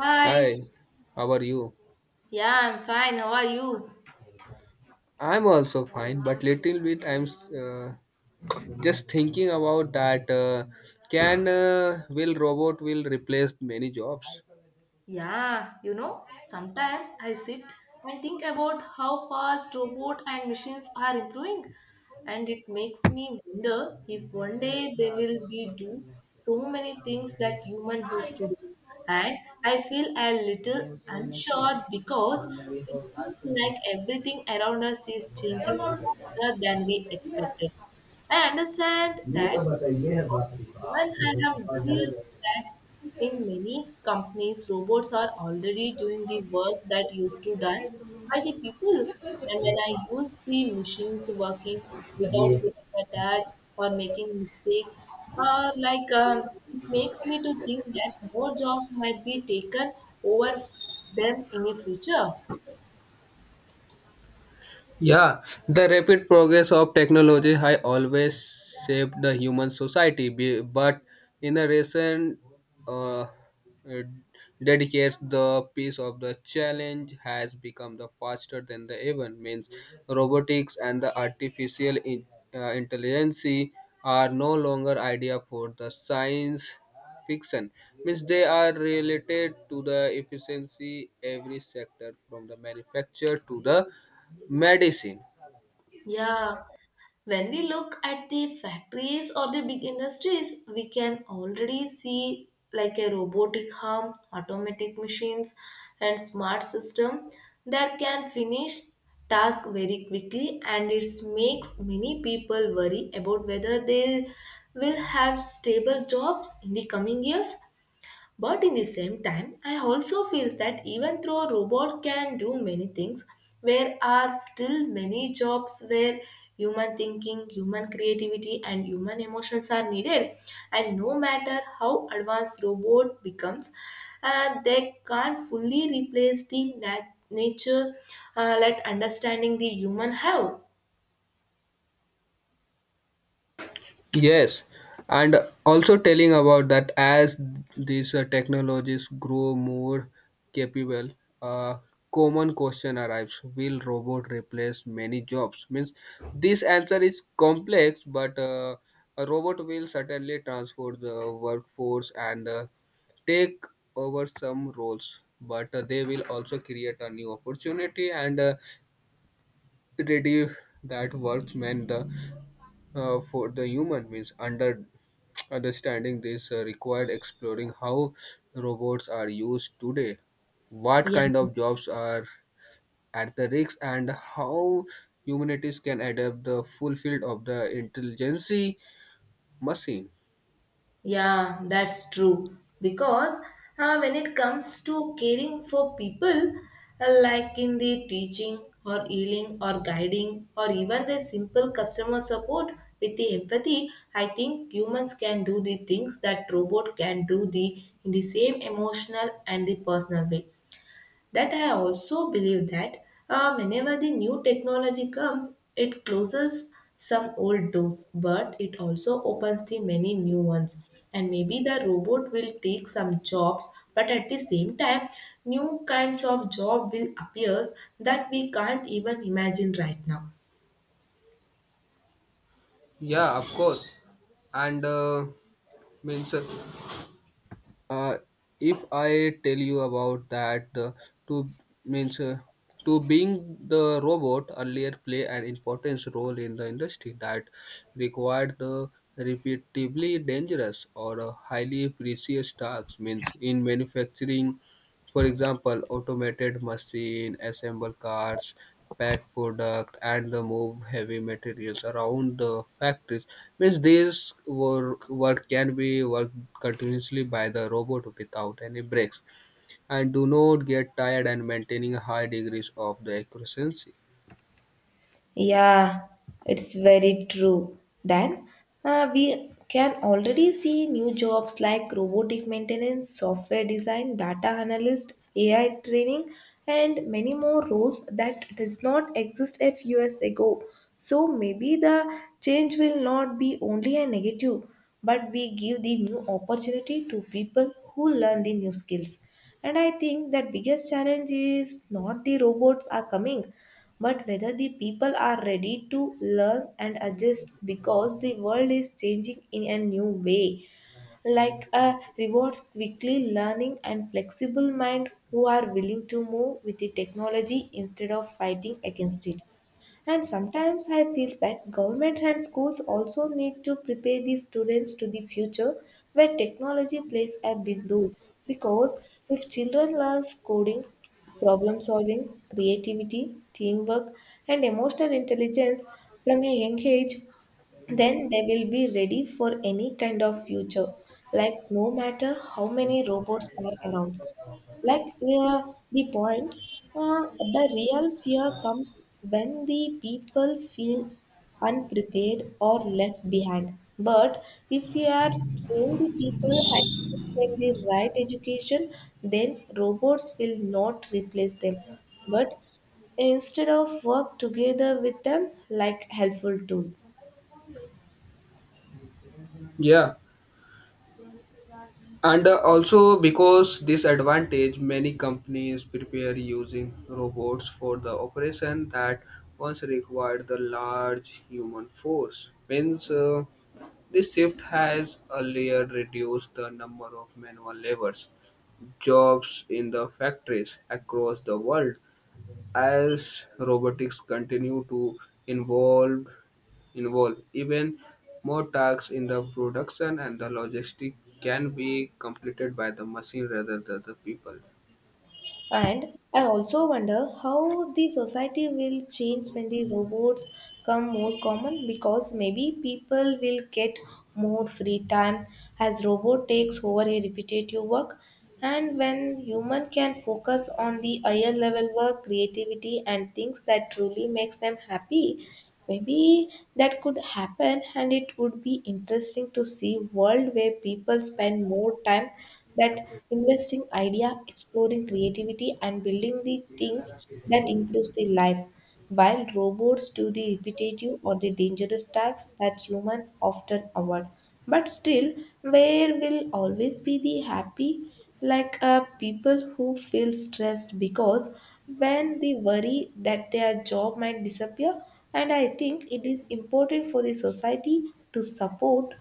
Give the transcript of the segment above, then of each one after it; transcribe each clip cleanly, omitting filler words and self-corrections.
Hi. Hi, how are you? Yeah, I'm fine. How are you? I'm also fine, but little bit I'm uh, just thinking about that. Can Will robot will replace many jobs? Yeah, you know, sometimes I sit and think about how fast robots and machines are improving, and it makes me wonder if one day they will be do so many things that human used to do. And I feel a little unsure because it seems like everything around us is changing faster than we expected. I understand that. Even I have noticed that in many companies, robots are already doing the work that used to done by the people. And when I use the machines working without getting tired or making mistakes, or like it makes me to think that more jobs might be taken over them in the future. Yeah, the rapid progress of technology has always shaped the human society, but in the recent uh, uh, decades, the piece of the challenge has become the faster than the even means robotics and the artificial intelligence are no longer idea for the science fiction means they are related to the efficiency every sector from the manufacture to the medicine. Yeah, when we look at the factories or the big industries, we can already see like a robotic arm, automatic machines, and smart system that can finish task very quickly, and it makes many people worry about whether they will have stable jobs in the coming years. But in the same time, I also feel that even though a robot can do many things, there are still many jobs where human thinking, human creativity, and human emotions are needed. And no matter how advanced robot becomes, they can't fully replace the nature, like understanding the human have. Yes, and also telling about that as these technologies grow more capable, uh, common question arrives, will robot replace many jobs means this answer is complex, but a robot will certainly transform the workforce, and take over some roles, but they will also create a new opportunity, and reduce that workmen the for the human means understanding this required exploring how robots are used today, what Yeah. kind of jobs are at the risk, and how humanities can adapt the full field of the intelligence machine. Yeah, that's true. Because when it comes to caring for people, like in the teaching or healing or guiding or even the simple customer support with the empathy, I think humans can do the things that robot can do the in the same emotional and the personal way. That I also believe that whenever the new technology comes, it closes some old doors, but it also opens the many new ones. And maybe the robot will take some jobs, but at the same time new kinds of job will appear that we can't even imagine right now. Yeah, of course. And means uh, if I tell you about that, to means uh, to being the robot earlier play an important role in the industry that required the repeatedly dangerous or highly precious tasks means in manufacturing, for example, automated machine assemble cars, pack product, and the move heavy materials around the factories. Means this work can be worked continuously by the robot without any breaks, and do not get tired and maintaining high degrees of the accuracy. Yeah, it's very true. Then we can already see new jobs like robotic maintenance, software design, data analyst, AI training, and many more roles that does not exist a few years ago. So maybe the change will not be only a negative, but we give the new opportunity to people who learn the new skills. And I think that biggest challenge is not the robots are coming, but whether the people are ready to learn and adjust, because the world is changing in a new way. Like a rewards quickly learning and flexible mind who are willing to move with the technology instead of fighting against it. And sometimes I feel that government and schools also need to prepare these students to the future where technology plays a big role. Because if children learn coding, problem solving, creativity, teamwork, and emotional intelligence from a young age, then they will be ready for any kind of future, like no matter how many robots are around. like uh, the point uh, the real fear comes when the people feel unprepared or left behind, but if we are trained the people and give them the right education, then robots will not replace them, but instead of work together with them like helpful tool. Yeah. And also because this advantage, many companies prepare using robots for the operation that once required the large human force. Means this shift has earlier reduced the number of manual labors, jobs in the factories across the world. As robotics continue to evolve involved. Even more tasks in the production and the logistics can be completed by the machine rather than the people. And I also wonder how the society will change when the robots come more common, because maybe people will get more free time as robot takes over a repetitive work, and when human can focus on the higher level work, creativity, and things that truly makes them happy. Maybe that could happen, and it would be interesting to see world where people spend more time that investing idea, exploring creativity, and building the things that improves the life, while robots do the repetitive or the dangerous tasks that human often avoid. But still, there will always be the happy, people who feel stressed because when they worry that their job might disappear. And I think it is important for the society to support,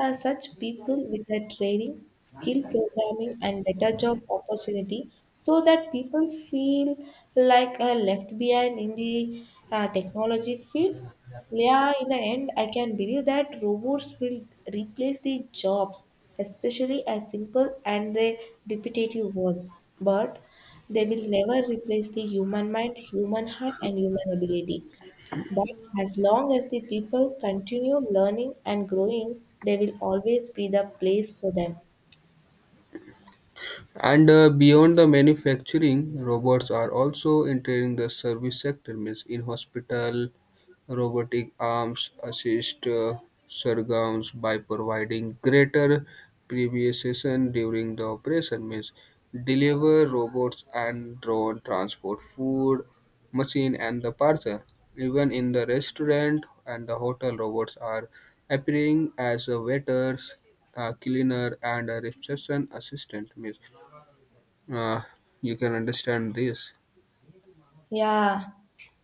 such people with their training, skill programming, and better job opportunity, so that people feel left behind in the technology field. Yeah, in the end, I can believe that robots will replace the jobs, especially as simple and the repetitive ones. But they will never replace the human mind, human heart, and human ability. But as long as the people continue learning and growing, there will always be the place for them. And beyond the manufacturing, robots are also entering the service sector, means in hospital, robotic arms assist surgeons by providing greater precision during the operation, means deliver robots and drone transport food, machine and the parcel. Even in the restaurant and the hotel, robots are appearing as a waiters, a cleaner, and a reception assistant, means uh, you can understand this. Yeah,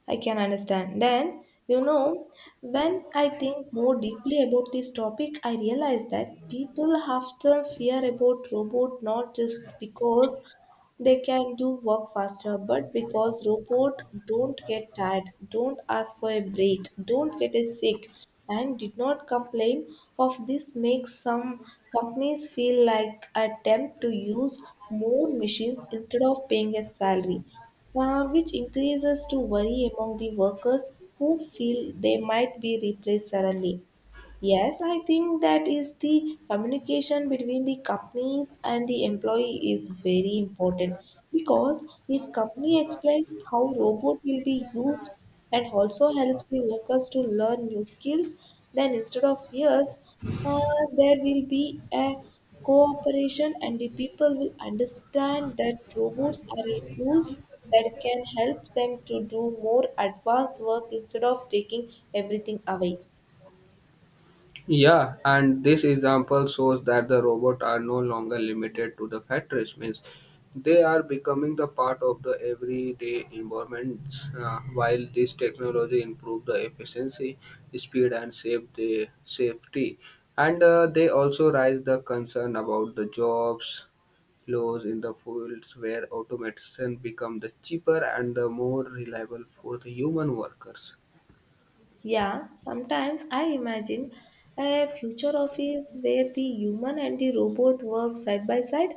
I can understand. Then, you know, when I think more deeply about this topic, I realize that people often fear about robot not just because they can do work faster, but because robot don't get tired, don't ask for a break, don't get a sick, and did not complain of this makes some companies feel like attempt to use more machines instead of paying a salary, which increases to worry among the workers who feel they might be replaced suddenly. Yes, I think that is the communication between the companies and the employee is very important, because if company explains how robot will be used and also helps the workers to learn new skills, then instead of fears, uh, there will be a cooperation, and the people will understand that robots are a tools that can help them to do more advanced work instead of taking everything away. Yeah, and this example shows that the robots are no longer limited to the factories, means they are becoming the part of the everyday environments. While this technology improve the efficiency, speed, and save the safety, and they also raise the concern about the jobs loss in the fields where automation become the cheaper and the more reliable for the human workers. Yeah, sometimes I imagine a future office where the human and the robot work side by side,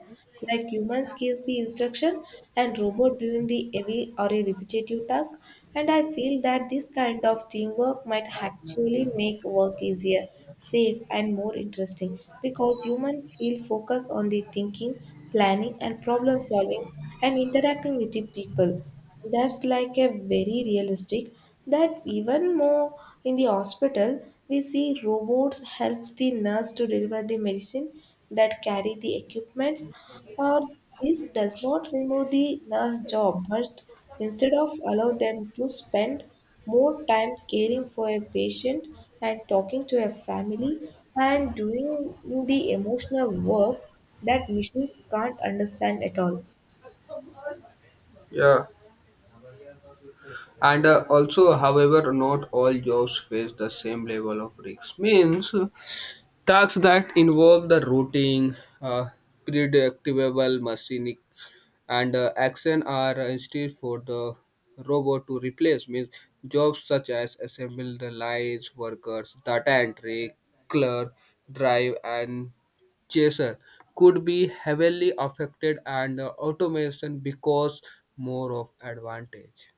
like humans gives the instruction and robot doing the heavy or a repetitive task. And I feel that this kind of teamwork might actually make work easier, safe, and more interesting, because humans feel focused on the thinking, planning, and problem solving and interacting with the people. That's like a very realistic that even more in the hospital we see robots helps the nurse to deliver the medicine that carry the equipments, or this does not remove the nurse job, but instead of allow them to spend more time caring for a patient and talking to a family and doing the emotional work that machines can't understand at all. Yeah. And also, however, not all jobs face the same level of risks. Means tasks that involve the routine, uh, predictable machine, and action are instead for the robot to replace. Means jobs such as assemble the lines, workers, data entry, clerk, drive, and chaser could be heavily affected, and automation because more of advantage.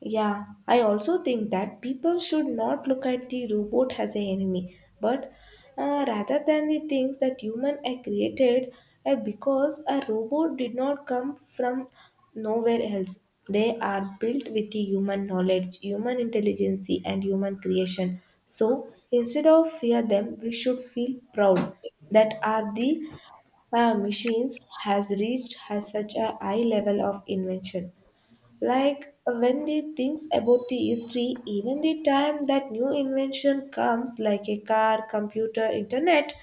Yeah, I also think that people should not look at the robot as an enemy, but rather than the things that human are created, because a robot did not come from nowhere else. They are built with the human knowledge, human intelligence, and human creation. So instead of fear them, we should feel proud that are the machines has reached has such a high level of invention. Like when they thinks about the history, even the time that new invention comes, like a car, computer, internet,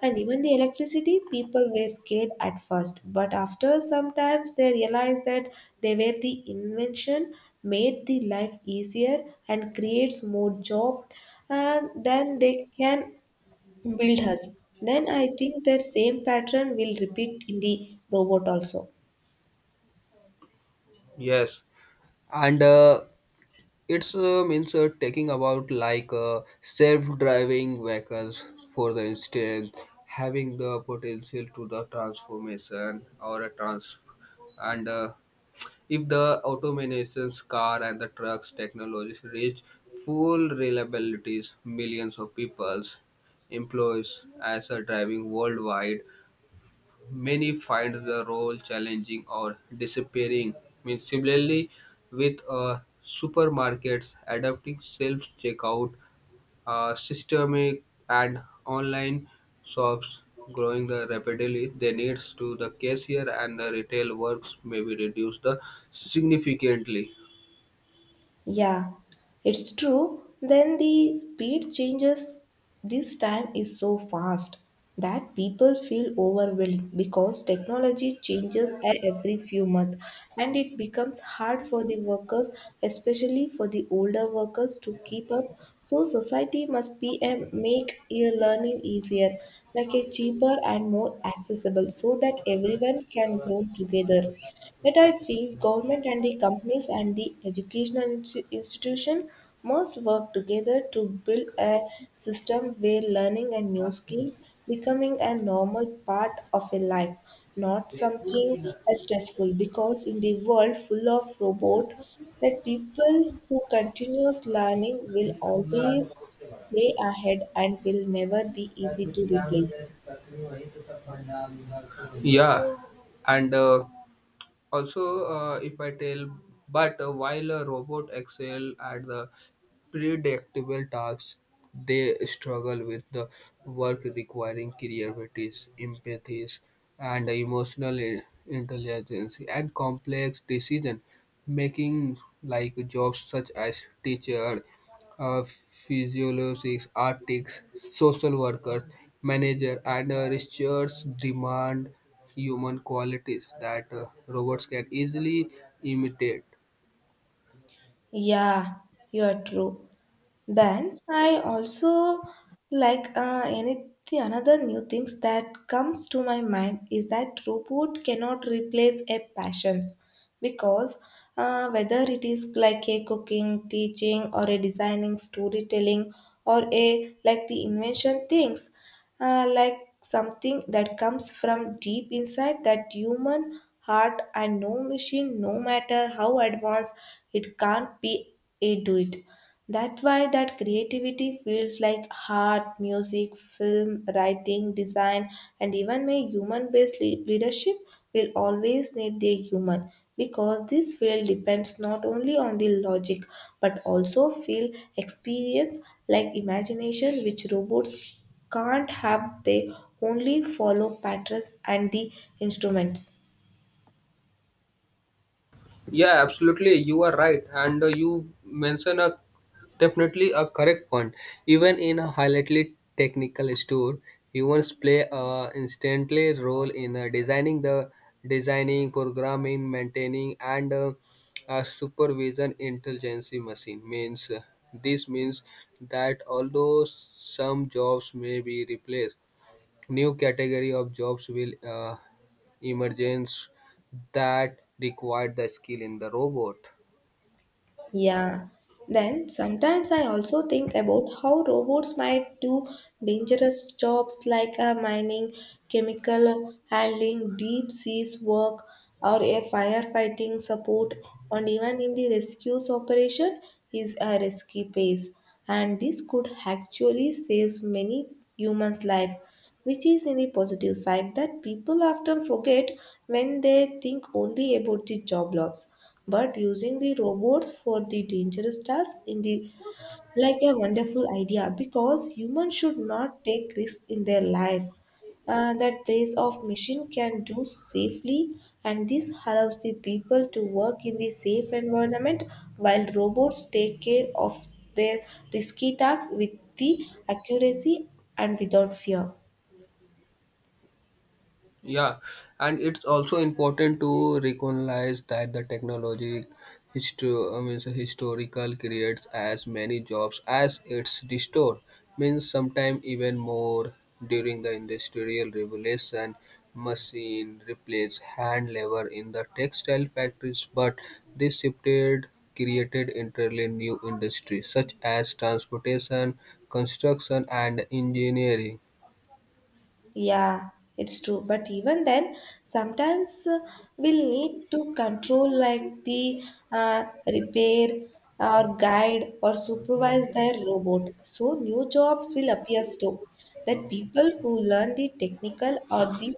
and even the electricity, people were scared at first. But after some times, they realized that they were the invention made the life easier and creates more job, and then they can build us. Then I think that same pattern will repeat in the robot also. Yes. and it's means Taking about like self-driving vehicles for the instance having the potential to the transformation or a trans, and if the automations car and the trucks technologies reach full reliabilities millions of people's employees as a driving worldwide, many find the role challenging or disappearing. I similarly, with supermarkets adapting self-checkout systemic and online shops growing the rapidly, the needs to the cashier and the retail works may be reduced the significantly. Yeah, it's true. Then the speed changes this time is so fast that people feel overwhelmed because technology changes at every few months, and it becomes hard for the workers, especially for the older workers, to keep up. So society must be and make e learning easier, like a cheaper and more accessible, so that everyone can grow together. Yet I feel government and the companies and the educational institution must work together to build a system where learning and new skills becoming a normal part of a life, not something as stressful, because in the world full of robot that people who continuous learning will always stay ahead and will never be easy to replace. Yeah, and also if I tell but while a robot excel at the predictable tasks, they struggle with the work requiring creativity, empathy, and emotional intelligence and complex decision making, like jobs such as teacher, physiologists, artists, social workers, manager, and research demand human qualities that robots can easily imitate. Yeah, you are true. Then I also any another new things that comes to my mind is that robot cannot replace a passions, because whether it is like a cooking, teaching, or a designing, storytelling, or a like the invention things, uh, like something that comes from deep inside that human heart, and no machine, no matter how advanced it can't be, it do it. That's why that creativity feels like art, music, film, writing, design, and even a human-based leadership will always need the human, because this field depends not only on the logic but also feel, experience, like imagination, which robots can't have. They only follow patterns and the instruments. Yeah, absolutely. You are right, and you mention a definitely a correct point. Even in a highly technical store, humans play a instantly role in designing, programming, maintaining, and supervision intelligence machine. Means this means that although some jobs may be replaced, new category of jobs will emergence that require the skill in the robot. Yeah. Then sometimes I also think about how robots might do dangerous jobs like mining, chemical handling, deep seas work, or a firefighting support, and even in the rescues operation is a risky pace. And this could actually save many humans' life, which is in the positive side that people often forget when they think only about the job loss. But using the robots for the dangerous task in the like a wonderful idea, because humans should not take risk in their life, that place of machine can do safely, and this allows the people to work in the safe environment while robots take care of their risky tasks with the accuracy and without fear. Yeah, and it's also important to recognize that the technology historical creates as many jobs as it's restored. Means sometimes even more during the industrial revolution, machine replaced hand labor in the textile factories, but this shifted created entirely new industries such as transportation, construction, and engineering. Yeah, it's true. But even then, sometimes we'll need to control, like the repair or guide or supervise their robot. So new jobs will appear too. That people who learn the technical or the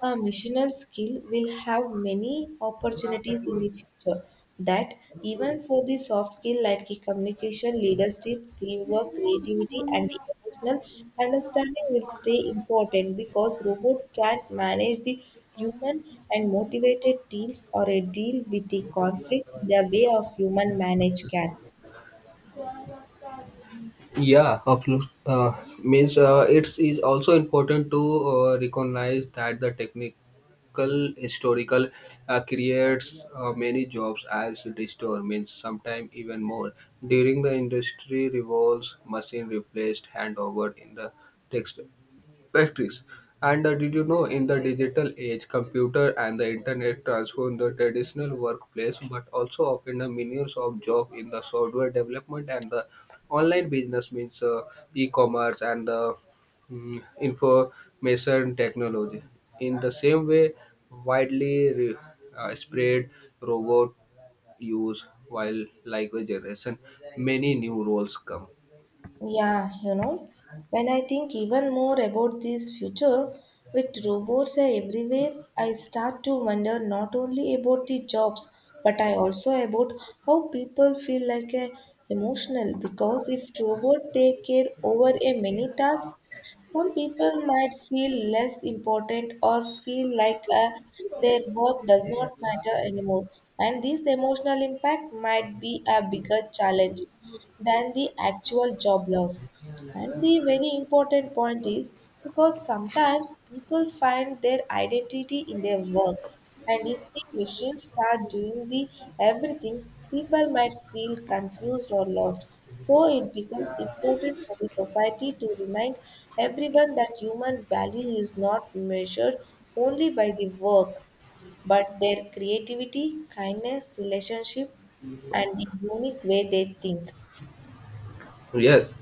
a missioner skill will have many opportunities in the future. That even for the soft skill like the communication, leadership, teamwork, creativity and the emotional understanding will stay important, because robot can't manage the human and motivated teams or a deal with the conflict in the way of human manage can. Yeah, absolutely. Means it is also important to recognize that the technical historical creates many jobs as restore means sometimes even more during the industry revolves machine replaced handover in the text factories. And did you know in the digital age, computer and the internet transformed the traditional workplace, but also opened the millions of jobs in the software development and the online business means e-commerce and the information technology. In the same way, widely spread robot use while like the generation, many new roles come. Yeah, you know, when I think even more about this future with robots are everywhere, I start to wonder not only about the jobs, but I also about how people feel like a emotional, because if robot take care over a many tasks, some people might feel less important or feel like their work does not matter anymore. And this emotional impact might be a bigger challenge than the actual job loss. And the very important point is, because sometimes people find their identity in their work, and if the machines start doing the everything, people might feel confused or lost. So it becomes important for the society to remind everyone that human value is not measured only by the work, but their creativity, kindness, relationship, and the unique way they think. Yes,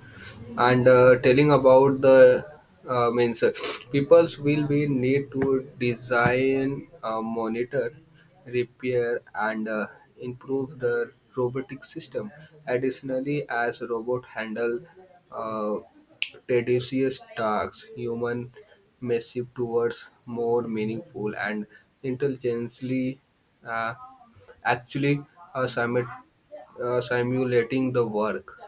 and telling about the means peoples will be need to design, monitor, repair, and improve the robotic system. Additionally, as robot handle uh, tedious tasks, human may shift towards more meaningful and intelligently, uh, actually uh, simu- simulating the work.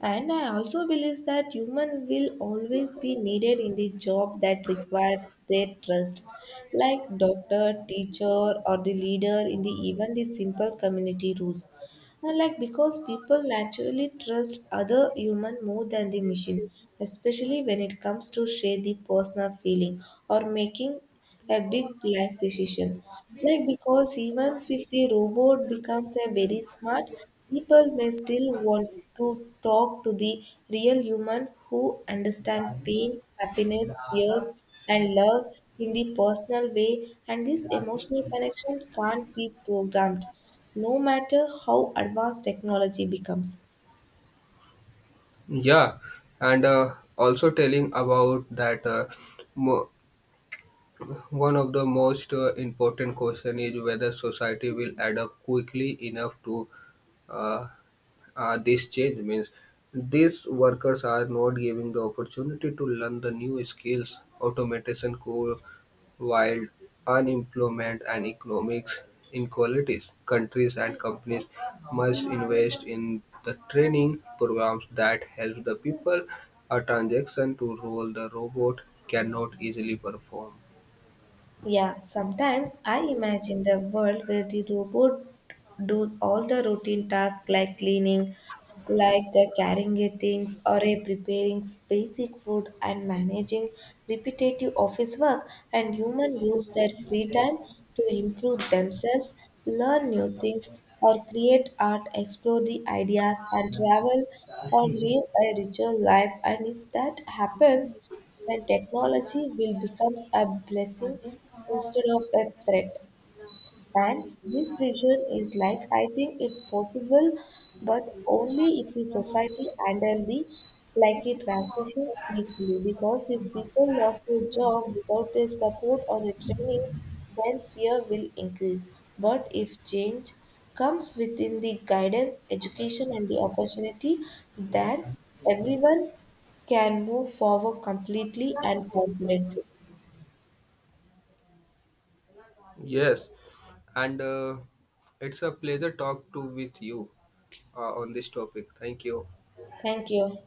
And I also believe that human will always be needed in the job that requires their trust, like doctor, teacher, or the leader in the even the simple community rules. And like because people naturally trust other human more than the machine, especially when it comes to share the personal feeling or making a big life decision. Like because even if the robot becomes a very smart, people may still want to talk to the real human who understand pain, happiness, fears, and love in the personal way. And this emotional connection can't be programmed, no matter how advanced technology becomes. Yeah, and also telling about that mo- one of the most important question is whether society will adapt quickly enough to uh, this change. Means these workers are not given the opportunity to learn the new skills, automation, could, while unemployment and economic inequalities. Countries and companies must invest in the training programs that help the people. A transaction to roll the robot cannot easily perform. Yeah, sometimes I imagine the world where the robot do all the routine tasks like cleaning, like the carrying a things or a preparing basic food and managing repetitive office work, and humans use their free time to improve themselves, learn new things, or create art, explore the ideas, and travel, or live a richer life. And if that happens, then technology will become a blessing instead of a threat. And this vision is like I think it's possible, but only if the society handle the like a transition carefully. Because if people lost their job without their support or a training, then fear will increase. But if change comes within the guidance, education, and the opportunity, then everyone can move forward completely and confidently. Yes, and it's a pleasure talk to with you on this topic. Thank you. Thank you.